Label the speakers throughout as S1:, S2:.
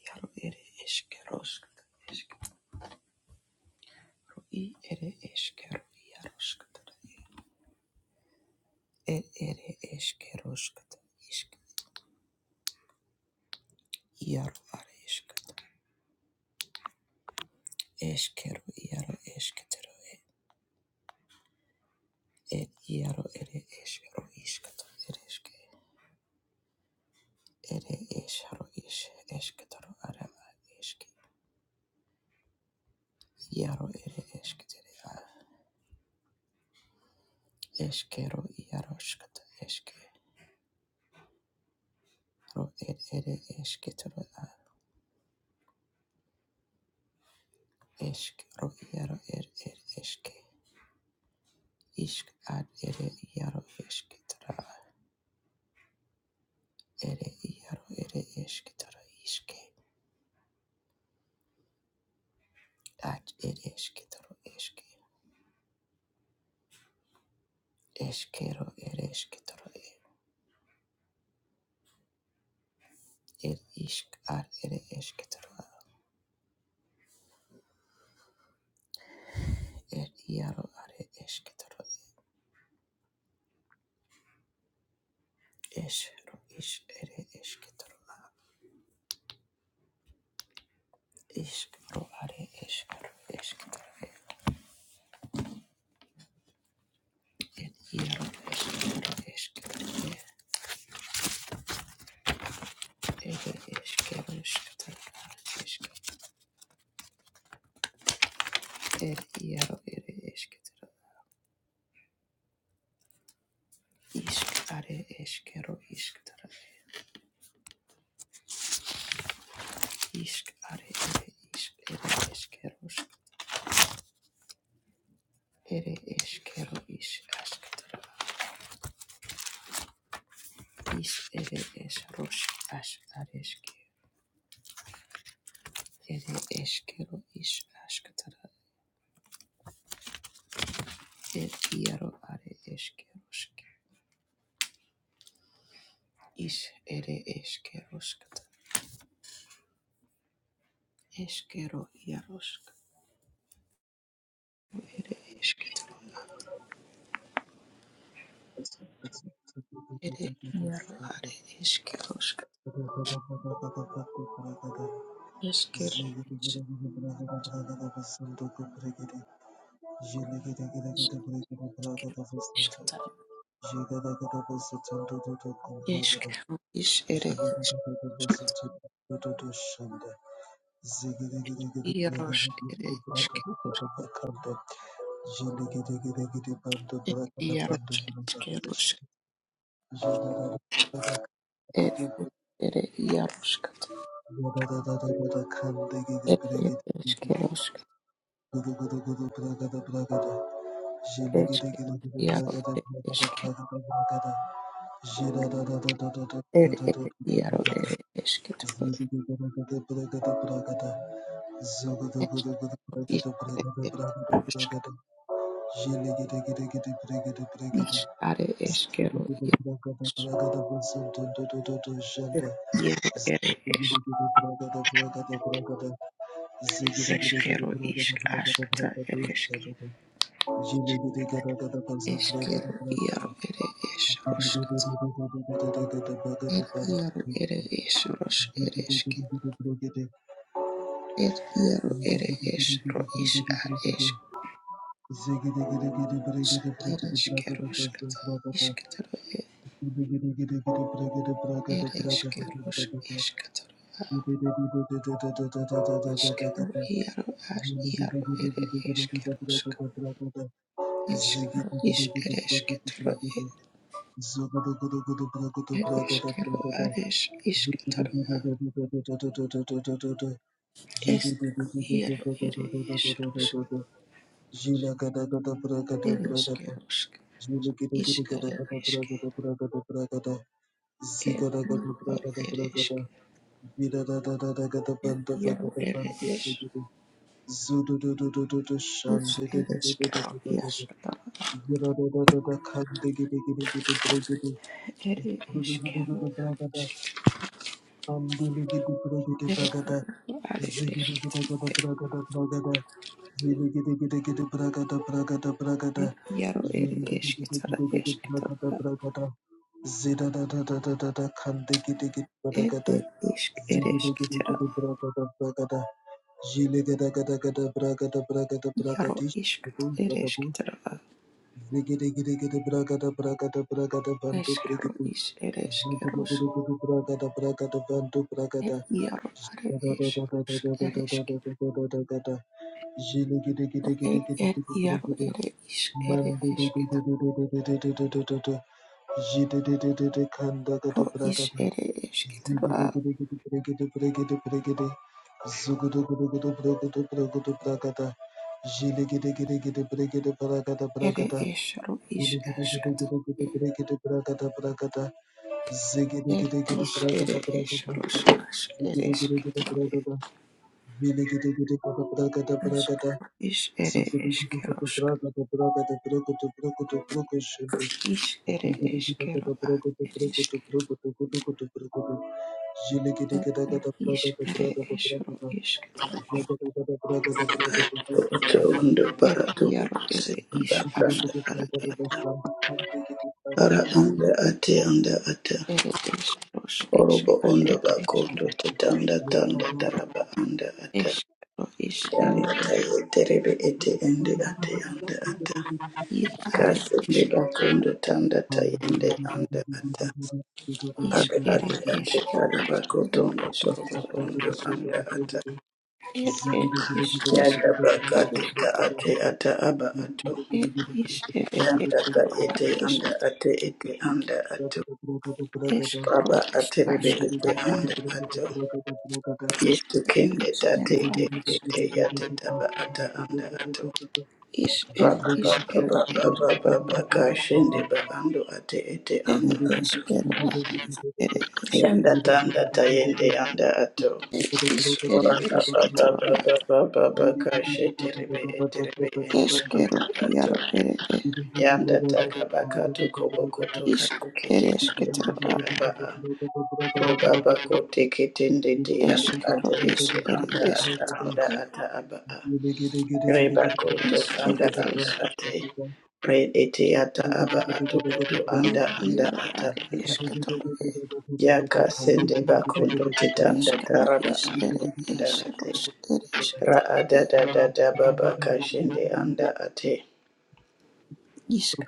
S1: Iaro ere eskeroskata eskero i ere eskero iaroskata er ere eskeroskata isk iaro are eskata eskero iaro esketero e er iaro ere eskero iskata er eske ere eskero is esketero ara eske iaro ere esketere a eskero iaroskata eske ro er ere esketero a eskero iaro er er eske Ishk ad ere iaro eskitara ere iaro ere eskitara iske ad ere eskitara eske eskero ere eskitara e er ishk ad ere eskitara er iaro are eskitara es ro ish ere eskitara ishk ro are eskaro eskitara e er iaro eskitara eskitara e ere eskero eskitara eske er iaro ere eskitara Ishk are eskero isktara ishk are ere ishk ere eskeros ere eskero ish asktara ish ere esrosh ash areske ere eskero ish asktara er iaro are eskerosk ish ere eskeroskta eskero iarosk ere esktara
S2: Ziggy,
S1: ere iaro are eskerosk eskero ish Ishk, ishk, ish, ere Yarosh ere ishke Yarosh ishke rosh ere ere Yaroshkat
S2: Zhanda
S1: ere ishke roshk ishke Yaro ere ishke ere ere Yaro ere ishke to ishke ishke roshk ish are ishke ro yarosh Yaro ere ishke
S2: Ziggy
S1: ishke ro ishk ashkta ere ishke ishke Yaro ere ish roshkat Yaro ere ish ir iero ere esro is a es ereskeroskata isketero ereskeros esketero iskero iero as iero ere eskeroska
S2: Ziggy,
S1: eskero is eresketero ereskero ares isketero
S2: Jiri di di
S1: eskero
S2: di di di
S1: iero
S2: di di
S1: ere
S2: di di di di di
S1: esros
S2: di di. Jila gada gada pra gada pra gada.
S1: ereskeroska
S2: Jili giri giri gada
S1: iskero
S2: gada pra
S1: eske
S2: gada pra gada pra gada.
S1: er
S2: Zigada gada
S1: iero
S2: pra gada pra gada.
S1: ereske
S2: Vida da da da da gada banda fa
S1: iero
S2: gada
S1: ere
S2: banda di di
S1: es
S2: di di. Zudu du du du du du shan
S1: Is
S2: di di
S1: it
S2: di di
S1: is
S2: di di
S1: Carol?
S2: di di di.
S1: Yes,
S2: Ziggy Zhile gada gada gada bra gada
S1: it is Carol. It is Yaro it is Kitara is Kitara. It it is it is Kitara.
S2: bra gada bra
S1: Yaro
S2: gadish.
S1: is
S2: Babush
S1: it
S2: bada
S1: is
S2: bush.
S1: Kitara.
S2: Birake de birake de birake de birake de, bantu
S1: Is
S2: birake
S1: Carol
S2: de.
S1: is it is
S2: Dudu dudu
S1: Carol's.
S2: dudu dudu birake de birake de bantu birake
S1: It
S2: de.
S1: Yaro are
S2: Ta ta ta
S1: is
S2: ta ta ta ta
S1: it
S2: ta
S1: is
S2: ta
S1: Kitara.
S2: ta ta ta ta. Jile ke de ke de ke de
S1: It
S2: ke
S1: it
S2: de
S1: Yaro
S2: birake de.
S1: it is it
S2: Man dudu
S1: is
S2: dudu
S1: Kitara.
S2: dudu dudu birake de. Jile ke de ke de ke de ke de
S1: Ro
S2: birake
S1: is
S2: de.
S1: it is
S2: Man
S1: Kitara.
S2: dudu dudu dudu dudu birake de birake de birake de birake de. Zugu dudu dudu dudu zugu dudu zugu dudu birake de. Jile ke de ke de ke de birake de birake de birake
S1: It
S2: de.
S1: is Ro is
S2: Ziggy
S1: Ash. It is ere eskeros ere eskero eskero is ere eskeros is ere eskero a ere eskero is ere eskero
S2: Ziggy
S1: eskero
S3: Oto ondo bara
S1: er
S3: tubu
S1: iaro ere
S3: kusende
S2: Ziggy
S1: is
S3: bakanda
S1: asketara
S3: ara anda ate anda ata
S1: ere eskeros es
S3: orobo
S1: are
S3: ondo
S1: eskero
S3: bakondo tetanda tanda taraba anda ata
S1: eskero is ere
S3: anda
S1: es
S3: tayo terebe ete ende ate anda ata
S1: ir are
S3: kasende
S1: eskero
S3: bakondo tanda tayende anda ata
S1: is
S3: are
S1: ere
S3: ate ate
S1: eskero
S3: are
S1: a ere
S3: bakotondo torobo
S1: eskero
S3: ondo anda ata
S1: er er is
S3: yaga
S1: eskero
S3: bakate ta ate ata aba ato
S1: It is ere
S3: Yantaka
S1: eskero a
S3: ete
S1: is
S3: anda ate ete anda ato.
S1: eskero
S3: Aba
S1: is
S3: ate ribe
S1: ask
S3: ete
S1: a
S3: anda ato.
S1: is
S3: Yetu
S1: kero
S3: kende
S1: is eskero
S3: tate
S1: a
S3: te te
S1: isk
S3: te yate taba ata anda ato.
S1: is
S2: Thank
S1: er
S2: you.
S3: Raba ba
S1: is
S3: ba ba
S1: ere
S3: ba ba ba ba ka shende ba ando ate ete anda
S1: ere
S3: ato.
S1: eskero a is ere
S3: Yanda
S1: eskero
S3: tanda tayende anda ato.
S1: er is ere
S3: Raba ba ba ba
S1: esketoro is
S3: ba ba ba ba ka shete ribe ete ribe ende
S1: eskero
S3: anda ato.
S1: iaro ere e
S3: Yanda taka baka tuko boko tuka
S1: isk ere
S3: tukite.
S1: esketoro a
S3: Rubaba kote ketende te anda
S1: eskero
S3: ata
S1: is
S3: ete
S1: ere
S3: anda ata
S1: esketoro
S3: anda
S1: e
S3: ata aba a. Reba koto
S1: is
S3: anda
S1: ere es
S3: anda ate. Re ete ata aba ato oto
S1: er
S3: anda anda
S1: iaro
S3: ata
S1: are
S3: anda
S2: Thank
S3: ate.
S2: you.
S1: esketoro e
S3: Yaka sende bakondo titanda
S1: eskero
S3: taraba
S1: is
S3: ando
S1: ere
S3: anda ate.
S1: esros ere esketoro
S3: Ra ada da da da baba kashende anda ate.
S1: Ishk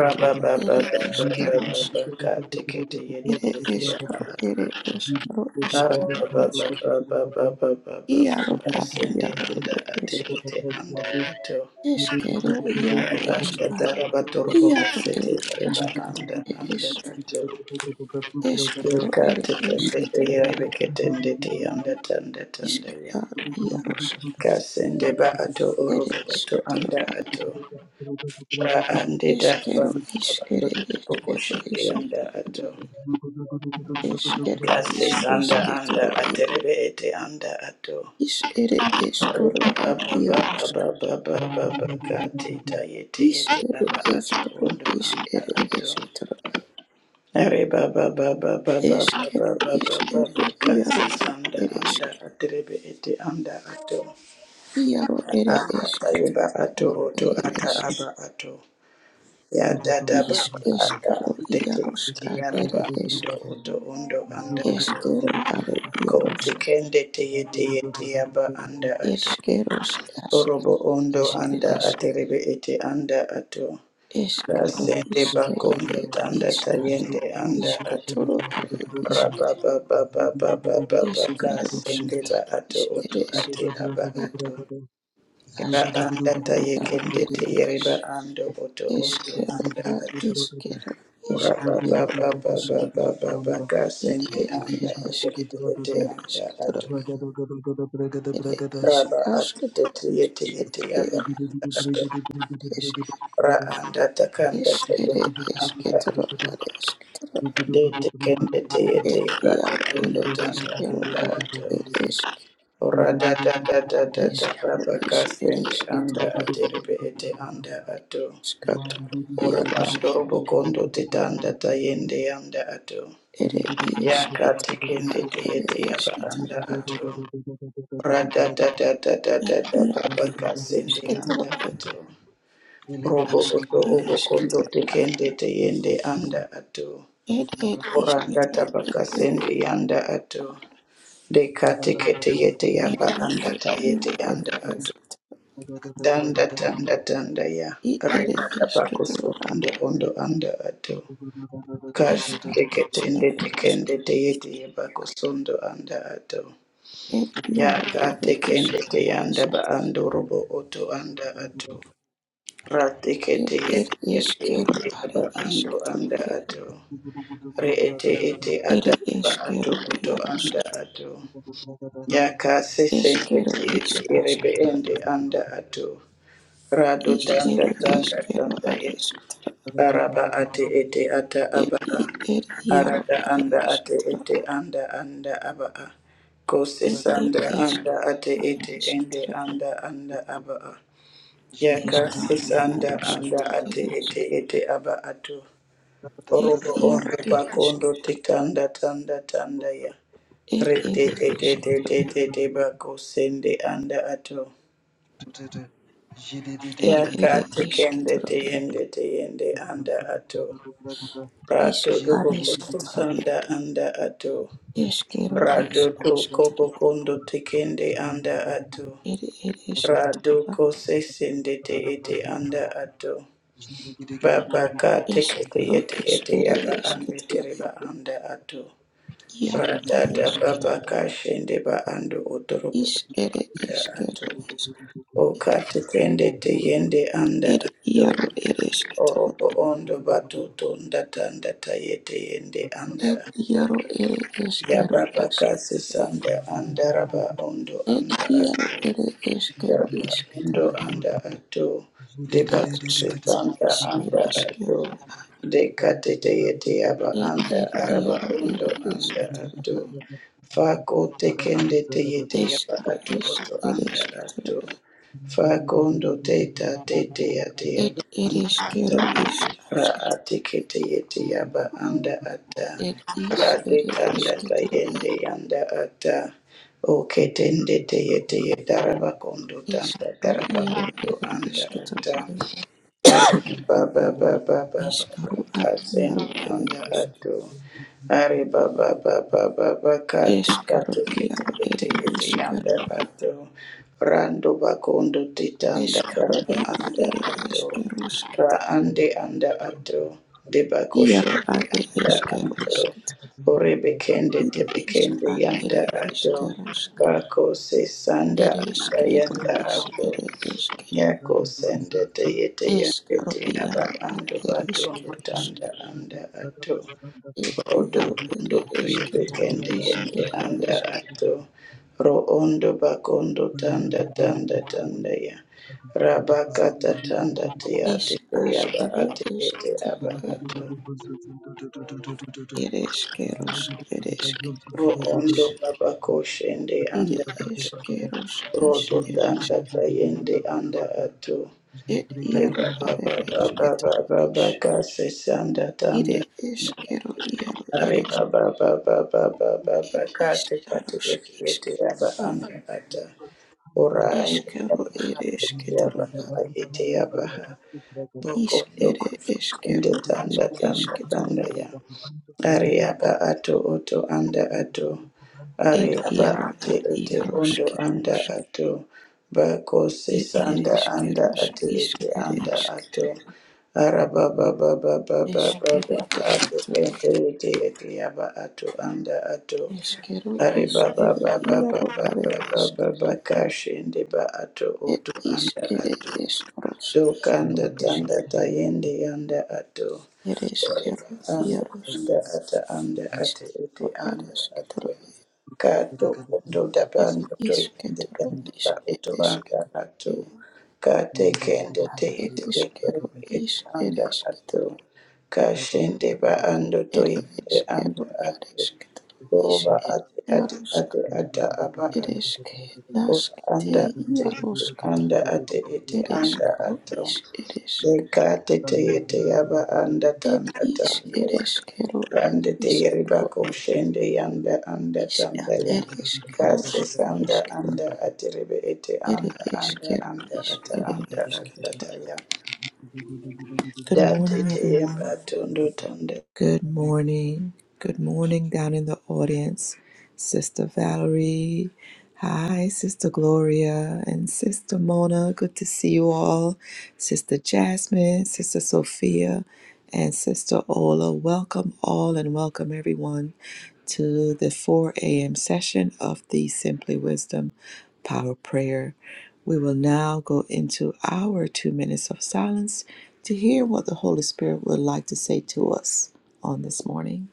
S3: Ra baba baba
S1: ere
S3: baba
S1: eskerosk
S3: baba ka tekete yete
S1: ere
S3: yete
S1: eskero
S3: aba ato.
S1: ere eskero ishkaro esk iaro at
S3: asende
S1: iaro
S3: anda
S1: ere
S3: ate
S1: esk
S3: ete anda ato
S1: eskero
S3: ya
S1: iaro
S3: anda
S1: eska
S3: taraba torobo
S1: iaro
S3: kasete
S1: ere
S3: areba
S1: askat
S3: anda
S1: ere
S3: anda
S1: esk
S3: ato
S1: eskero
S3: deka
S1: ere
S3: tekende
S1: esketoro
S3: eyaibe
S1: a
S3: ketende te anda tanda
S1: ishk
S3: tanda ya
S1: ar
S2: Zugu
S1: iarosk
S3: kasende ba ato
S1: ere
S3: orobo ato
S1: isketoro
S3: anda
S1: a
S3: ato ra ande da ba
S1: eskero ish
S3: abando
S1: ere
S3: tokoko
S1: eskero
S3: shende anda
S1: esketoro e
S3: ato
S1: esk ere
S3: kasi
S1: ish
S3: sanda anda
S1: esketoro e
S3: aterebe ete anda ato
S1: ish ere
S3: Ko
S1: eskoro ad iarosk Ish ere eskero ish ere esketoro eskero ish ere iaro ad ere esk iaro ere esketoro ere esk ish eskero iaros ad ere esk eskero are iaros
S3: tekende teye teye teyaba anda ato.
S1: eskeros ask
S3: Orobo ondo
S1: ish ere
S3: anda
S1: esk
S3: aterebe ete anda ato.
S1: eskero
S3: Rasende
S1: ish ere
S3: bakondo
S1: ed
S3: tanda
S1: iskatoro
S3: tayende anda ato.
S1: iskatoro are isk
S3: Rababa baba baba baba
S1: eskeros
S3: kasende ba ato
S1: ish
S3: oto
S1: ere
S3: ate
S1: esketoro
S3: aba ato. Ra
S2: Zugudu
S1: Ashkata
S2: Zugudu
S3: anda
S1: iaro
S3: tayekende
S1: ere es
S3: teyereba ando oto ondo
S1: eskero
S3: anda
S1: ad
S3: ato.
S1: iskero is
S3: Rababa
S1: iaro
S3: baba
S1: ask
S3: baba baba
S1: ed
S3: kasende
S1: ed
S3: anda
S1: ed
S3: ato
S1: esket
S3: ete
S1: ed
S3: anda
S1: esketoro
S3: ato.
S1: ere isk
S3: Raba
S1: asket
S3: aterebe ete
S1: ed
S3: ete
S1: ed
S3: aba anda ato.
S1: asket esk
S3: ra anda takanda
S1: es ere
S3: takanda anda
S1: esketoro ad esketoro
S3: de tekende te ete
S1: ed
S3: rako
S1: iaro
S3: tondo
S1: ere
S3: tanda
S1: eskero
S3: anda
S1: ad
S3: ato
S1: ed esk
S3: ora da da da da da da
S1: eskero
S3: raba
S1: is ere
S3: kasende anda
S1: esketoro
S3: aterebe ete anda ato
S1: iskat
S3: ora
S1: iaro sk
S3: pando robo kondo te tanda tayende anda ato
S2: Thank
S1: ere
S2: you.
S3: yaka
S1: isketoro
S3: tekende
S1: ad
S3: te
S1: ere
S3: ete yaba anda
S1: esketoro
S3: ato ora da da da da da
S1: Ed
S3: da da
S1: iaro
S3: raba
S1: ed
S3: kasende
S1: esketoro
S3: anda
S1: ed
S3: ato robo
S1: ask
S3: oto
S1: ed
S3: obo kondo tekende te yende anda ato
S1: ed ed
S3: Oranda
S1: ed
S3: tabaka
S1: ed
S3: sendi yanda ato. Deka tekete yete
S1: ed
S3: yaba anda ta yete
S1: iaro ed
S3: yanda ato.
S1: esketoro
S3: Danda tanda tanda ya.
S1: ed ed
S3: Reba tabako
S1: esketoro ad
S3: sondo ondo anda ato. Kash
S1: eska
S3: teketende
S1: ed ask
S3: tekende te yete yabako sondo anda ato.
S1: ed
S3: Ya
S1: iaro
S3: ka
S1: ad
S3: tekende
S1: eska
S3: te
S1: is
S3: yanda ba ando robo oto anda ato.
S1: ed
S3: Ratikete
S1: ed
S3: yete yete
S1: eskero
S3: yete
S1: ad
S3: yaba ando anda
S1: esketoro
S3: ato. re ete ete
S1: ed
S3: adaba ato
S1: eskero
S3: oto
S1: iaro
S3: anda
S1: sketoro
S3: ato yaka sesende
S1: eskero
S3: ti
S1: is
S3: ete erebe
S1: asketoro
S3: ende anda ato rado
S1: is ed
S3: tanda tanda
S1: eskero
S3: tanda
S1: ad
S3: e
S1: esketoro
S3: araba ate ete ata
S1: ed
S3: abaa
S1: ed ed iaro
S3: arada
S1: ad
S3: anda ate
S1: esketoro
S3: ete anda anda abaa ko
S1: It it
S3: sesanda
S1: isk
S3: anda ate
S1: ad
S3: ete ende
S1: isketro
S3: anda anda abaa
S2: Thank
S3: yaka
S1: iska
S3: sesanda anda
S1: iarosketro it
S3: ate
S1: isk
S3: ete ete aba ato
S1: it
S3: Orobo
S1: iaro
S3: ondo
S1: it
S3: bakondo
S1: isketro
S3: tikanda tanda tanda ya.
S1: it yeah,
S3: Rete
S1: it
S3: te te te
S1: isketro
S3: te te te bako sende anda ato.
S2: you.
S1: it it
S3: Taka tekende
S1: isketro
S3: te
S1: it
S3: yende te yende anda ato.
S1: isk
S3: Rato
S1: ad
S3: dobo koso
S1: isketro
S3: sanda anda ato.
S1: iskero is
S3: Rado to
S1: asketro
S3: kobo kondo tekende anda ato.
S1: it it
S3: Rado
S1: isketro
S3: kose sende te ete anda ato. Baba ka tekete
S1: iskero
S3: yete yete yaba
S1: is
S3: ambe
S1: good. Is it
S3: tereba
S1: isketro
S3: anda ato.
S1: iaro ad
S3: Radada
S1: isk is
S3: baba kashende ba ando otorobo
S1: Is it
S3: anda ato.
S1: iskero isk
S3: Okate kende te yende anda
S1: it
S3: ato.
S1: iaro it isketro
S3: Orobo ondo batuto ndata ndata yete yende
S2: Thank
S3: anda
S1: it
S3: ato.
S1: iaro it
S3: Ya
S1: iskero
S3: baba kasi
S1: ask.
S3: sanda anda raba ondo
S1: Ed
S3: anda
S1: iaro
S3: ato.
S1: ere eskero
S3: Daba
S1: isketara
S3: anda ato debaka
S1: atskats
S3: sefanda
S1: is
S3: anda
S1: ere eskero.
S3: ato dekate teyete yaba
S1: Ed
S3: anda
S1: ed
S3: araba
S1: iaro
S3: undo
S1: ere
S3: anda ato
S1: esketara
S3: fako tekende teyete yaba
S1: eskero
S3: ato
S1: is
S3: oto
S1: ere
S3: anda
S1: esketara.
S3: ato fakondo teta tete yate
S1: Ed
S3: yaba
S1: ere
S3: anda ata
S1: eskero is
S3: ra
S1: atskats.
S3: atekete yete yaba anda ata
S1: Ed is
S3: ra
S1: ere
S3: detanda
S1: esketara
S3: tayende yanda ata Oketende teyete yedaraba kondo tanda
S1: eskero
S3: daraba
S1: iaro
S3: kondo
S1: ere
S3: anda
S1: esketara.
S3: ata. Ari baba baba baba
S1: Eskero a iaro
S3: kasende
S1: ere
S3: anda
S1: esketara.
S3: ato. Ari baba baba baba kati kati kiti
S1: iaro
S3: kiti
S1: ere
S3: kiti anda
S1: eskero a.
S3: ato. Rando bakondo titanda
S1: Eskero
S3: baraba
S1: iaro
S3: anda
S1: ere
S3: ato.
S1: eskero
S3: Ra ande anda ato. Deba
S1: iaro
S3: koshende
S1: are
S3: anda
S1: eskero
S3: ato.
S1: isk
S3: Orebe kende
S1: It
S3: tebe
S1: is
S3: kende
S1: at it
S3: yanda
S1: is
S3: ato.
S1: kerosk.
S3: Bako se sanda
S1: It is
S3: anda
S1: kero
S3: yanda
S1: is
S3: ato.
S1: it is ke.
S3: Yako sende te yete
S1: Es
S3: yende
S1: kero
S3: te aba
S1: iaro at
S3: ando
S1: it is
S3: batundu
S1: kerosk.
S3: tanda anda ato.
S1: It
S3: Odo
S1: iaro it
S3: tundu
S1: is
S3: tuye
S1: ketero
S3: pekende
S1: is
S3: yende
S1: it
S3: anda
S1: is ke.
S3: ato. Ro ondo bakondo tanda
S2: you.
S3: tanda tanda ya.
S2: Thank
S3: Rabakata tanda te ate
S1: Is
S3: te
S1: as
S3: aba
S1: it
S3: ate
S1: is
S3: ete aba
S1: ketero
S3: ato.
S1: it is keros it is ketero
S3: Ro
S1: is.
S3: ondo baba koshende
S1: It
S3: anda
S1: is
S3: ato.
S1: keros is
S3: Rodo
S1: it is.
S3: tanda tayende anda ato.
S1: It iaro at it is ketero is. It is kero iaro ere ir iškaros iškero iškero ir iškero
S3: Boko
S1: išk ir
S3: boko
S1: iškero
S3: ndetanda tanda
S1: iškero
S3: tanda ya Ariaba ato oto anda ato.
S1: ir
S3: Ariaba
S1: iero
S3: ate
S1: ar
S3: ete ondo anda
S1: ieroškiros
S3: ato. Bako
S1: ir ir
S3: sesanda anda
S1: iškeros
S3: ate
S1: išk
S3: ete
S1: ir
S3: anda ato.
S1: iškero
S3: Araba baba baba baba
S1: išk ir
S3: baba ate
S1: iškero
S3: ete ete ete yaba ato anda ato.
S1: iškero iš
S3: Ariba
S1: ir
S3: baba baba
S1: iero ar
S3: baba baba baba
S1: iškero
S3: kashende ba ato
S1: ir
S3: oto
S1: iš
S3: anda
S1: ir
S3: ato.
S1: iškaros
S3: Dokanda
S1: išk
S3: tanda tayende yanda ato.
S1: ir iškero
S3: Anda
S1: ierošk
S3: anda ata anda ate ete
S1: iškero
S3: anda ato.
S1: ar
S3: Kato kondo
S1: It
S3: dabando to
S1: is
S3: yende
S1: kettle
S3: yanda
S1: is
S3: ba
S1: it
S3: uto
S1: is
S3: anda
S1: kettle
S3: ato. Kate kende
S1: at
S3: te
S1: it
S3: ete
S1: is
S3: ete
S1: kettle
S2: you.
S3: ete
S1: is it
S3: anda
S1: is
S3: ato.
S1: kettle
S3: Kashende ba ando to
S1: it
S3: yende
S1: is
S3: anda
S1: kettle at
S3: ato.
S1: is kettle is
S3: Oroba
S1: it
S3: ate ate
S1: yarusk
S3: ate ata aba
S1: it
S3: ato.
S1: is
S3: Ora
S1: ketnask te
S3: anda ate ete
S1: yarusk
S3: anda ate ete
S1: it is
S3: anda
S1: kettle
S3: ato.
S1: is it is
S3: Dekate teyete yaba anda
S1: it
S3: tanda
S1: is
S3: tanda
S1: it
S3: ya.
S1: is kettle at
S3: Rande
S1: is
S3: teyere
S1: kettle
S3: bako shende yanda anda
S1: is
S3: tanda
S1: at
S3: ya.
S1: it is
S3: Kase
S1: kettles at
S3: sanda
S1: is kettle
S3: anda aterebe ete
S1: it
S3: anda
S1: is
S3: anda
S1: kettle
S3: anda
S1: is it
S3: ata anda
S1: is
S3: anda taya.
S1: Good
S3: Date
S1: morning, everyone.
S3: teyemba tondo tanda.
S1: Good morning. Good morning down in the audience, Sister Valerie. Hi, Sister Gloria and Sister Mona. Good to see you all. Sister Jasmine, Sister Sophia, and Sister Ola. Welcome all and welcome everyone to the 4 a.m. session of the Simply Wisdom power prayer. We will now go into our two minutes of silence to hear what the Holy Spirit would like to say to us on this morning.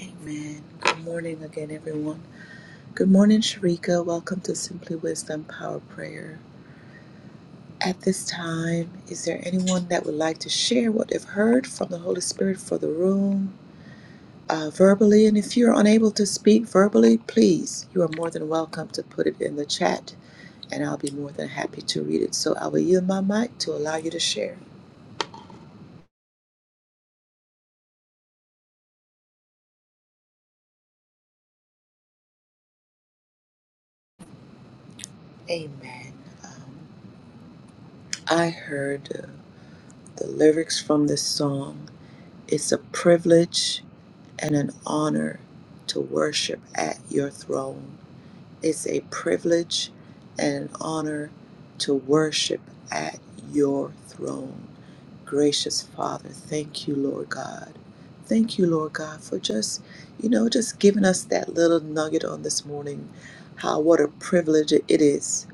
S1: Amen. Good morning again, everyone. Good morning, Sharika. Welcome to Simply Wisdom Power Prayer. At this time, is there anyone that would like to share what they've heard from the Holy Spirit for the room uh, verbally? And if you're unable to speak verbally, please, you are more than welcome to put it in the chat and I'll be more than happy to read it. So I will yield my mic to allow you to share. Amen. Um, I heard uh, the lyrics from this song. It's a privilege and an honor to worship at your throne. It's a privilege and an honor to worship at your throne. Gracious Father, thank you, Lord God. Thank you, Lord God, for just, you know, just giving us that little nugget on this morning. How what a privilege it is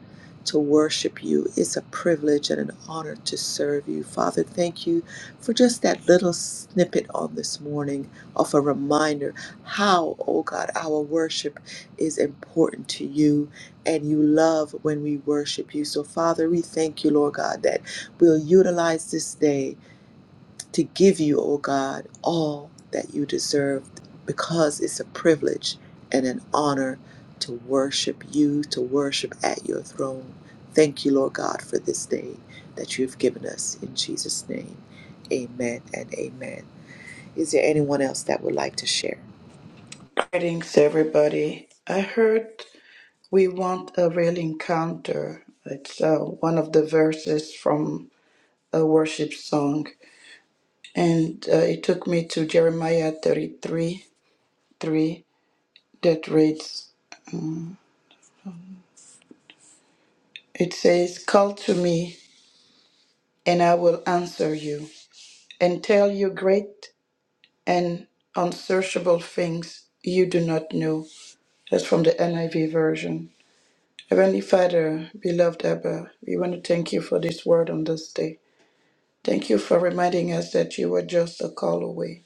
S1: to worship you. It's a privilege and an honor to serve you. Father, thank you for just that little snippet on this morning of a reminder how, oh God, our worship is important to you and you love when we worship you. So, Father, we thank you, Lord God, that we'll utilize this day to give you, oh God, all that you deserve because it's a privilege and an honor to worship you, to worship at your throne. Thank you, Lord God, for this day that you have given us. In Jesus' name, amen and amen. Is there anyone else that would like to share?
S3: Greetings everybody. I heard we want a real encounter. It's uh, one of the verses from a worship song. And uh, it took me to Jeremiah 33 3 that reads, It says, Call to me, and I will answer you, and tell you great and unsearchable things you do not know. That's from the NIV version. Heavenly Father, beloved Abba, we want to thank you for this word on this day. Thank you for reminding us that you were just a call away.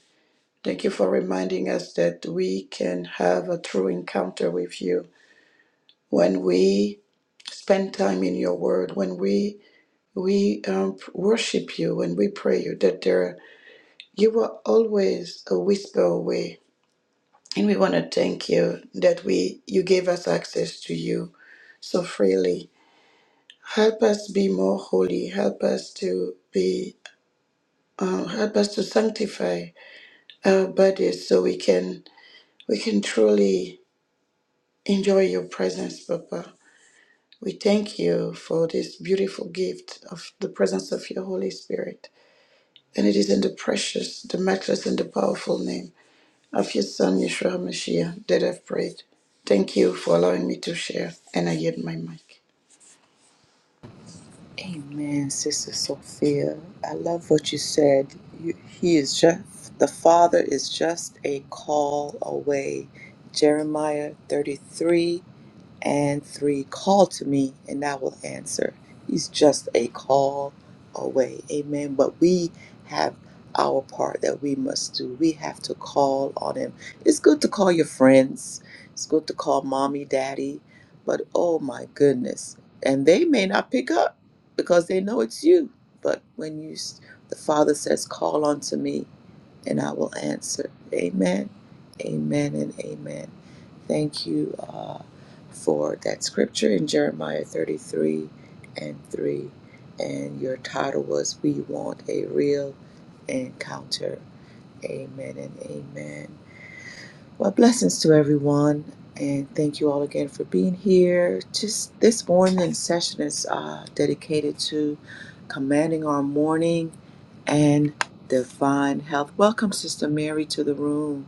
S3: Thank you for reminding us that we can have a true encounter with you when we spend time in your word, when we We um, worship you and we pray you that there you are always a whisper away, and we want to thank you that we you gave us access to you so freely. Help us be more holy. Help us to be. Um, help us to sanctify our bodies so we can we can truly enjoy your presence, Papa. We thank you for this beautiful gift of the presence of your Holy Spirit. And it is in the precious, the matchless, and the powerful name of your Son, Yeshua HaMashiach, that I've prayed. Thank you for allowing me to share, and I yield my mic.
S1: Amen, Sister Sophia. I love what you said. You, he is just, the Father is just a call away. Jeremiah 33 and three, call to me and I will answer. He's just a call away. Amen. But we have our part that we must do. We have to call on him. It's good to call your friends, it's good to call mommy, daddy, but oh my goodness. And they may not pick up because they know it's you. But when you, the Father says, call on to me, and I will answer. Amen. Amen and amen. Thank you uh, for that scripture in Jeremiah 33 and 3. And your title was We Want a Real Encounter. Amen and amen. Well, blessings to everyone. And thank you all again for being here. Just this morning session is uh, dedicated to commanding our morning and divine health. Welcome, Sister Mary, to the room.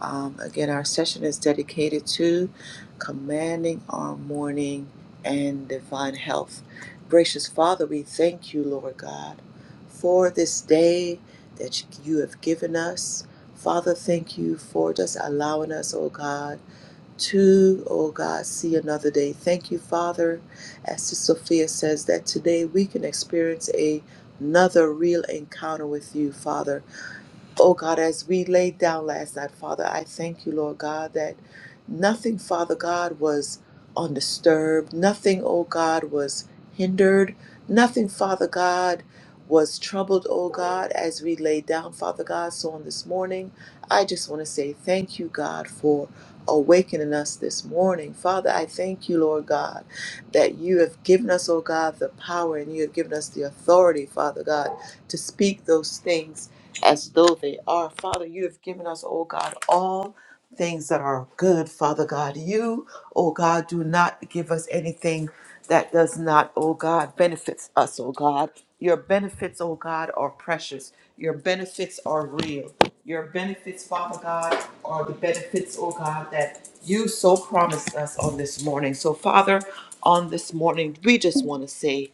S1: Um, again, our session is dedicated to commanding our morning and divine health. Gracious Father, we thank you, Lord God, for this day that you have given us. Father, thank you for just allowing us, oh God to, oh God, see another day. Thank you, Father, as Sister Sophia says, that today we can experience a- another real encounter with you, Father. Oh God, as we laid down last night, Father, I thank you, Lord God, that nothing, Father God, was undisturbed. Nothing, oh God, was hindered. Nothing, Father God, was troubled, oh God, as we laid down, Father God. So on this morning, I just want to say thank you, God, for awakening us this morning. Father, I thank you, Lord God, that you have given us, oh God, the power and you have given us the authority, Father God, to speak those things as though they are. Father, you have given us, oh God, all things that are good, Father God. You, oh God, do not give us anything that does not, oh God, benefits us, oh God. Your benefits, oh God, are precious. Your benefits are real. Your benefits, Father God, are the benefits, oh God, that you so promised us on this morning. So, Father, on this morning, we just want to say,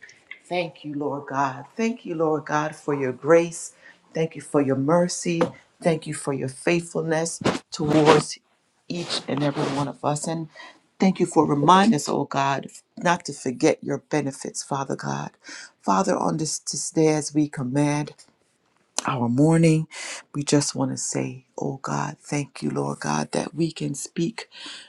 S1: Thank you, Lord God. Thank you, Lord God, for your grace. Thank you for your mercy. Thank you for your faithfulness towards each and every one of us. And thank you for reminding us, oh God, not to forget your benefits, Father God. Father, on this, this day as we command our morning. We just want to say, oh God, thank you, Lord God, that we can speak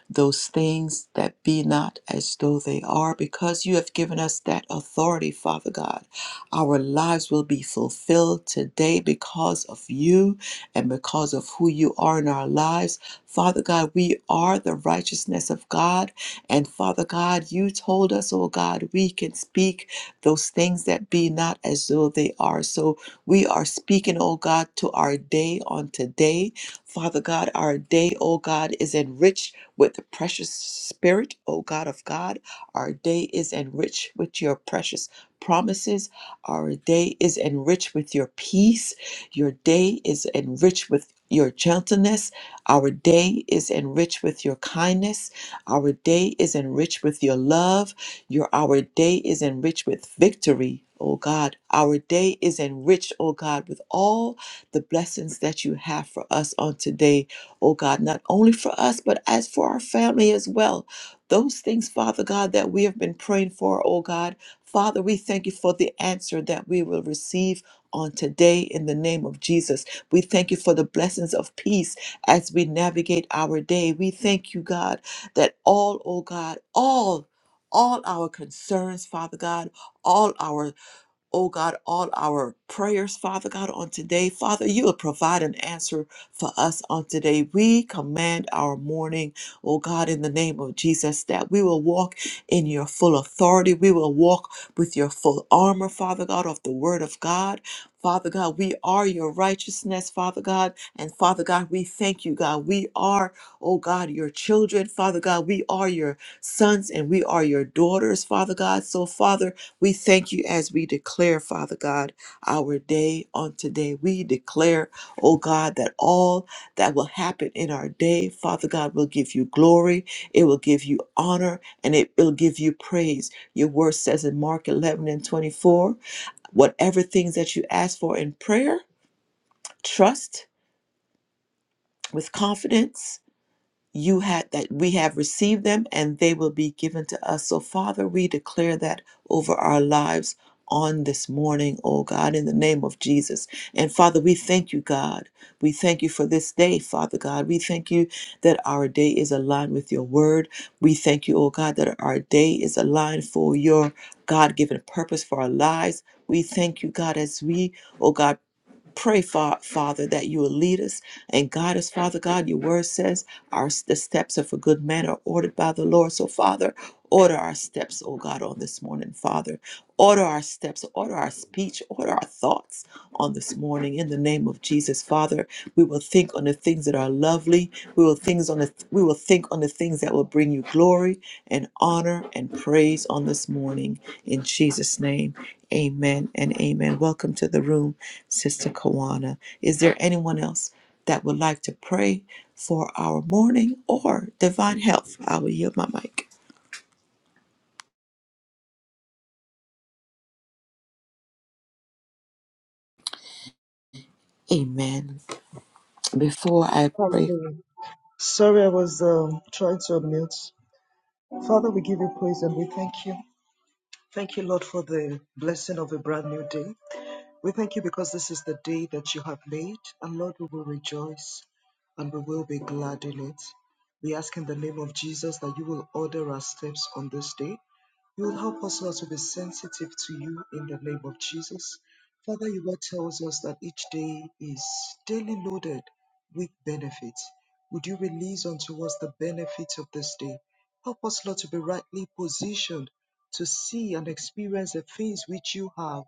S1: those things that be not as though they are, because you have given us that authority, Father God. Our lives will be fulfilled today because of you and because of who you are in our lives. Father God, we are the righteousness of God. And Father God, you told us, oh God, we can speak those things that be not as though they are. So, we are speaking, oh God, to our day on today. Father God, our day, oh God, is enriched with the precious spirit, oh God of God. Our day is enriched with your precious promises. Our day is enriched with your peace. Your day is enriched with your gentleness. Our day is enriched with your kindness. Our day is enriched with your love. Your our day is enriched with victory, O God. Our day is enriched, O God, with all the blessings that you have for us on today, O God, not only for us, but as for our family as well. Those things, Father God, that we have been praying for, O God. Father, we thank you for the answer that we will receive on today in the name of Jesus. We thank you for the blessings of peace as we navigate our day. We thank you, God, that all, O God, all all our concerns, Father God, all our oh God, all our prayers, Father God, on today. Father, you will provide an answer for us on today. We command our morning, oh God, in the name of Jesus, that we will walk in your full authority. We will walk with your full armor, Father God, of the word of God. Father God, we are your righteousness, Father God. And Father God, we thank you, God. We are, oh God, your children, Father God. We are your sons and we are your daughters, Father God. So, Father, we thank you as we declare, Father God, our day on today. We declare, oh God, that all that will happen in our day, Father God, will give you glory, it will give you honor, and it will give you praise. Your word says in Mark 11 and 24, whatever things that you ask for in prayer, trust with confidence you had that we have received them and they will be given to us. So, Father, we declare that over our lives on this morning, oh God, in the name of Jesus. And Father, we thank you, God. We thank you for this day, Father God. We thank you that our day is aligned with your word. We thank you, oh God, that our day is aligned for your God given purpose for our lives. We thank you, God, as we, oh God, pray for father that you will lead us and guide us father god your word says our the steps of a good man are ordered by the lord so father order our steps oh god on this morning father order our steps order our speech order our thoughts on this morning in the name of jesus father we will think on the things that are lovely we will things on the we will think on the things that will bring you glory and honor and praise on this morning. In Jesus' name, amen and amen. Welcome to the room, Sister Kawana. Is there anyone else that would like to pray for our morning or divine health? I will yield my mic. Amen. Before I pray,
S2: Hallelujah. Sorry, I was um, trying to unmute. Father, we give you praise and we thank you. Thank you, Lord, for the blessing of a brand new day. We thank you because this is the day that you have made, and Lord, we will rejoice and we will be glad in it. We ask in the name of Jesus that you will order our steps on this day. You will help us, Lord, to be sensitive to you in the name of Jesus. Father, your word tells us that each day is daily loaded with benefits. Would you release unto us the benefits of this day? Help us, Lord, to be rightly positioned to see and experience the things which you have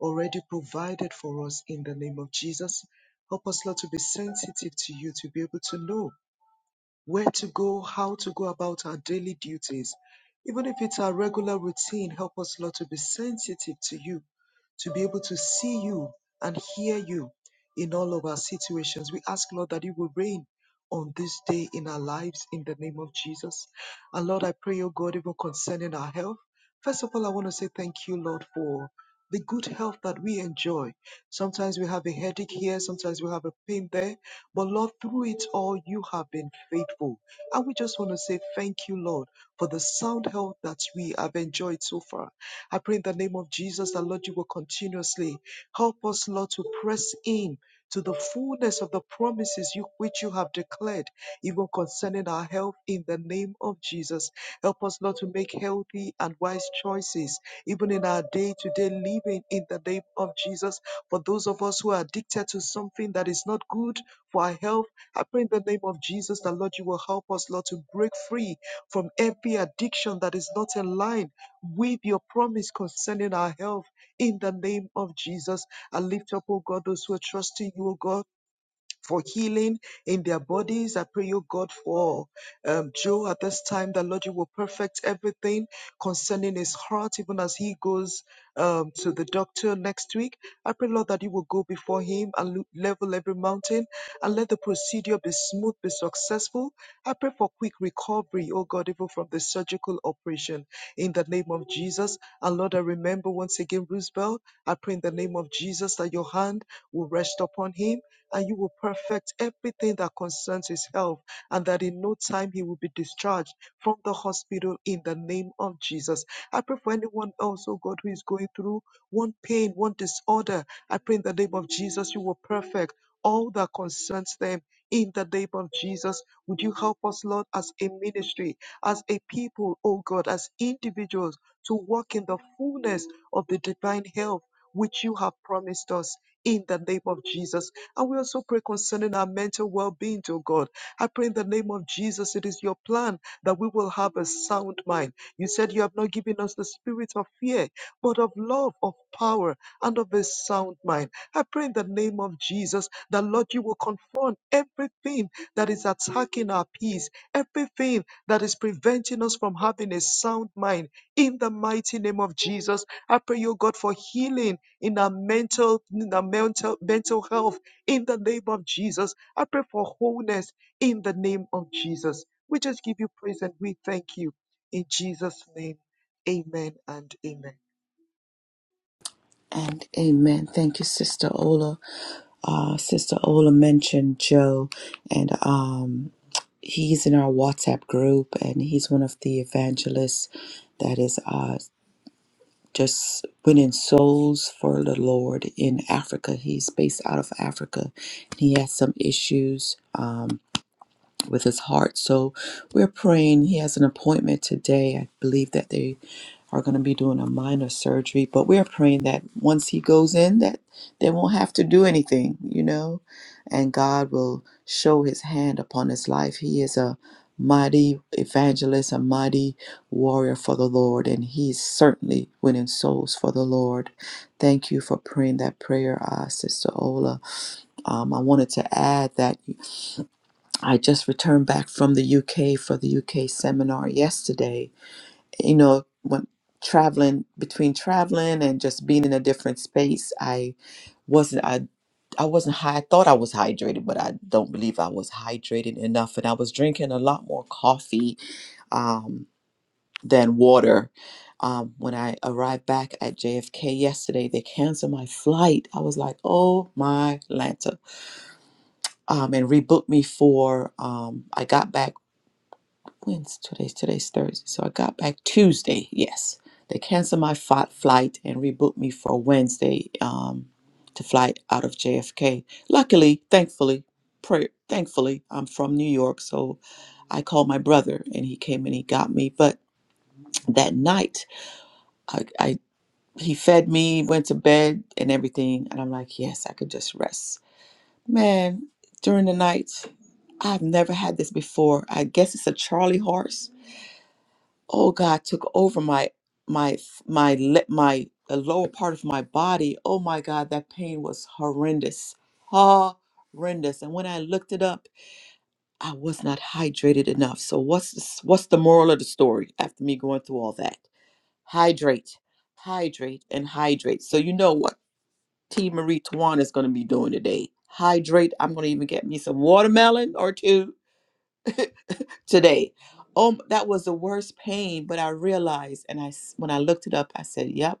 S2: already provided for us in the name of Jesus. Help us, Lord, to be sensitive to you, to be able to know where to go, how to go about our daily duties. Even if it's our regular routine, help us, Lord, to be sensitive to you, to be able to see you and hear you in all of our situations. We ask, Lord, that you will reign on this day in our lives in the name of Jesus. And Lord, I pray, oh God, even concerning our health. First of all, I want to say thank you, Lord, for the good health that we enjoy. Sometimes we have a headache here, sometimes we have a pain there but Lord, through it all, you have been faithful. And we just want to say thank you, Lord, for the sound health that we have enjoyed so far. I pray in the name of Jesus that, Lord, you will continuously help us, Lord, to press in. To the fullness of the promises you, which you have declared, even concerning our health, in the name of Jesus. Help us, Lord, to make healthy and wise choices, even in our day to day living, in the name of Jesus. For those of us who are addicted to something that is not good, for our health. I pray in the name of Jesus that, Lord, you will help us, Lord, to break free from every addiction that is not in line with your promise concerning our health. In the name of Jesus, I lift up, oh God, those who are trusting you, oh God for healing in their bodies. I pray, you God, for um, Joe at this time, that Lord, you will perfect everything concerning his heart, even as he goes um, to the doctor next week. I pray, Lord, that you will go before him and lo- level every mountain and let the procedure be smooth, be successful. I pray for quick recovery, oh God, even from the surgical operation in the name of Jesus. And Lord, I remember once again, Roosevelt, I pray in the name of Jesus that your hand will rest upon him and you will perfect everything that concerns his health, and that in no time he will be discharged from the hospital in the name of Jesus. I pray for anyone else, oh God, who is going through one pain, one disorder. I pray in the name of Jesus, you will perfect all that concerns them. In the name of Jesus, would you help us, Lord, as a ministry, as a people, oh God, as individuals, to walk in the fullness of the divine health which you have promised us in the name of Jesus. And we also pray concerning our mental well being, oh God. I pray in the name of Jesus, it is your plan that we will have a sound mind. You said you have not given us the spirit of fear, but of love, of power, and of a sound mind. I pray in the name of Jesus that, Lord, you will confront everything that is attacking our peace, everything that is preventing us from having a sound mind. In the mighty name of Jesus, I pray, O God, for healing in our mental, in our mental, mental health, in the name of Jesus. I pray for wholeness in the name of Jesus. We just give you praise and we thank you in Jesus' name. Amen and amen.
S1: and amen. Thank you, Sister Ola. Uh, Sister Ola mentioned Joe, and um, he's in our WhatsApp group, and he's one of the evangelists that is. uh, just winning souls for the Lord in Africa. He's based out of Africa. He has some issues. Um, with his heart. So we're praying. He has an appointment today. I believe that they are going to be doing a minor surgery, but we're praying that once he goes in that they won't have to do anything, you know, and God will show his hand upon his life. He is a mighty evangelist, a mighty warrior for the Lord, and he's certainly winning souls for the Lord. Thank you for praying that prayer, uh, Sister Ola. Um, I wanted to add that I just returned back from the UK for the UK seminar yesterday. You know, when traveling between traveling and just being in a different space, I wasn't I I wasn't high. I thought I was hydrated, but I don't believe I was hydrated enough. And I was drinking a lot more coffee um, than water. Um, when I arrived back at JFK yesterday, they canceled my flight. I was like, "Oh my Lanta!" Um, and rebooked me for. Um, I got back. when's today's today's Thursday. So I got back Tuesday. Yes, they canceled my fi- flight and rebooked me for Wednesday um, to fly out of JFK. Luckily, thankfully, prayer, thankfully, I'm from New York, so I called my brother and he came and he got me. But that night, I, I he fed me, went to bed, and everything. And I'm like, yes, I could just rest. Man, during the night, I've never had this before. I guess it's a Charlie horse oh God, took over my my my le- my the lower part of my body. Oh my God, that pain was horrendous, horrendous. And when I looked it up, I was not hydrated enough. So what's this, what's the moral of the story after me going through all that? Hydrate, hydrate, and hydrate. So you know what T Marie Tuan is going to be doing today. Hydrate. I'm going to even get me some watermelon or two today. Oh, that was the worst pain. But I realized, and I s- when I looked it up, I said, "Yep,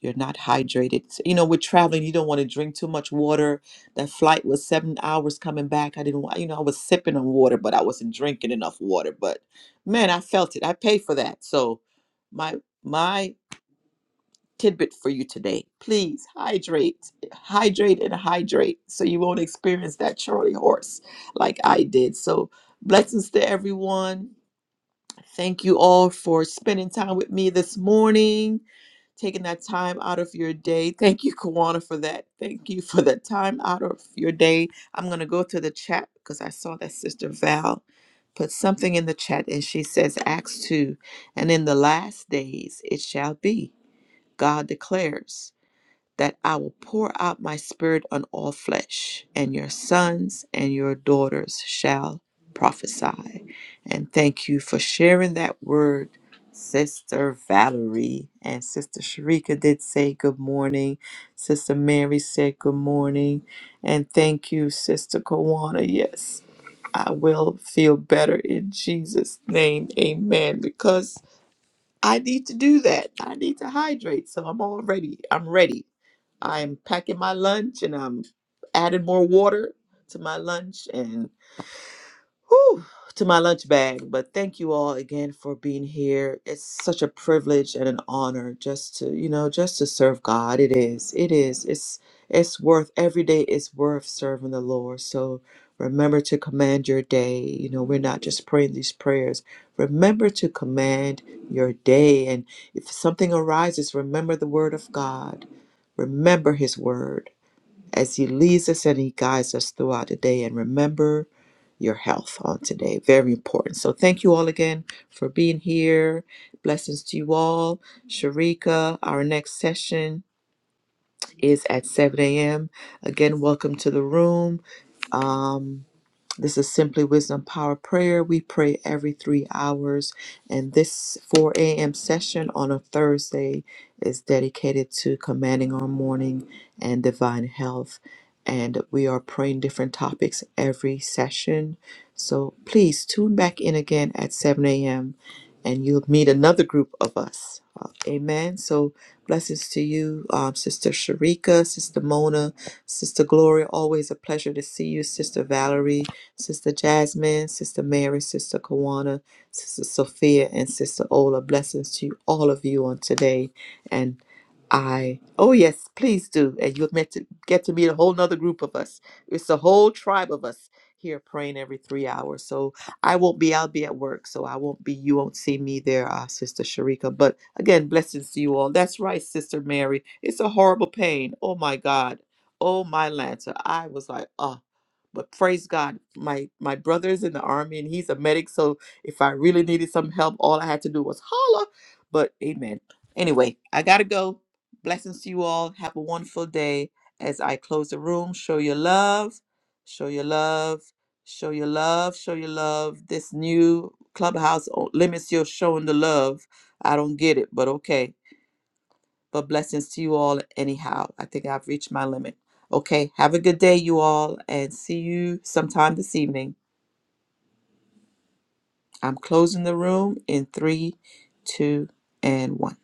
S1: you're not hydrated." So, you know, with traveling, you don't want to drink too much water. That flight was seven hours coming back. I didn't, wa- you know, I was sipping on water, but I wasn't drinking enough water. But man, I felt it. I paid for that. So, my my tidbit for you today: please hydrate, hydrate, and hydrate, so you won't experience that Charlie horse like I did. So, blessings to everyone Thank you all for spending time with me this morning, taking that time out of your day. Thank you, Kawana, for that. Thank you for that time out of your day. I'm going to go to the chat because I saw that Sister Val put something in the chat and she says, Acts 2, and in the last days it shall be, God declares that I will pour out my spirit on all flesh, and your sons and your daughters shall prophesy. And thank you for sharing that word, Sister Valerie. And Sister Sharika did say good morning. Sister Mary said good morning. And thank you, Sister Kawana. Yes. I will feel better in Jesus' name. Amen. Because I need to do that. I need to hydrate. So I'm all ready. I'm ready. I'm packing my lunch and I'm adding more water to my lunch and whew, to my lunch bag. But thank you all again for being here. It's such a privilege and an honor just to, you know, just to serve God. It is. It is. It's it's worth every day is worth serving the Lord. So remember to command your day. You know, we're not just praying these prayers. Remember to command your day. And if something arises, remember the word of God. Remember his word as he leads us and he guides us throughout the day. And remember your health on today. Very important. So thank you all again for being here. Blessings to you all. Sharika, our next session is at 7 a.m. Again, welcome to the room. Um. This is Simply Wisdom Power Prayer. We pray every three hours, and this 4 a.m. session on a Thursday is dedicated to commanding our morning and divine health. And we are praying different topics every session. So please tune back in again at 7 a.m. and you'll meet another group of us. Uh, amen. So blessings to you, um, Sister Sharika, Sister Mona, Sister Gloria. Always a pleasure to see you, Sister Valerie. Sister Jasmine, Sister Mary, Sister Kawana, Sister Sophia, and Sister Ola. Blessings to all of you on today. And I, oh yes, please do. And you'll get to, get to meet a whole nother group of us. It's a whole tribe of us here praying every three hours. So I won't be, I'll be at work. So I won't be, you won't see me there, uh, Sister Sharika. But again, blessings to you all. That's right, Sister Mary. It's a horrible pain. Oh my God. Oh my Lancer. I was like, oh but praise God, my my brother's in the army and he's a medic. So if I really needed some help, all I had to do was holler. But amen. Anyway, I gotta go. Blessings to you all. Have a wonderful day. As I close the room, show your love, show your love, show your love, show your love. This new clubhouse o- limits your showing the love. I don't get it, but okay. But blessings to you all anyhow. I think I've reached my limit. Okay, have a good day, you all, and see you sometime this evening. I'm closing the room in three, two, and one.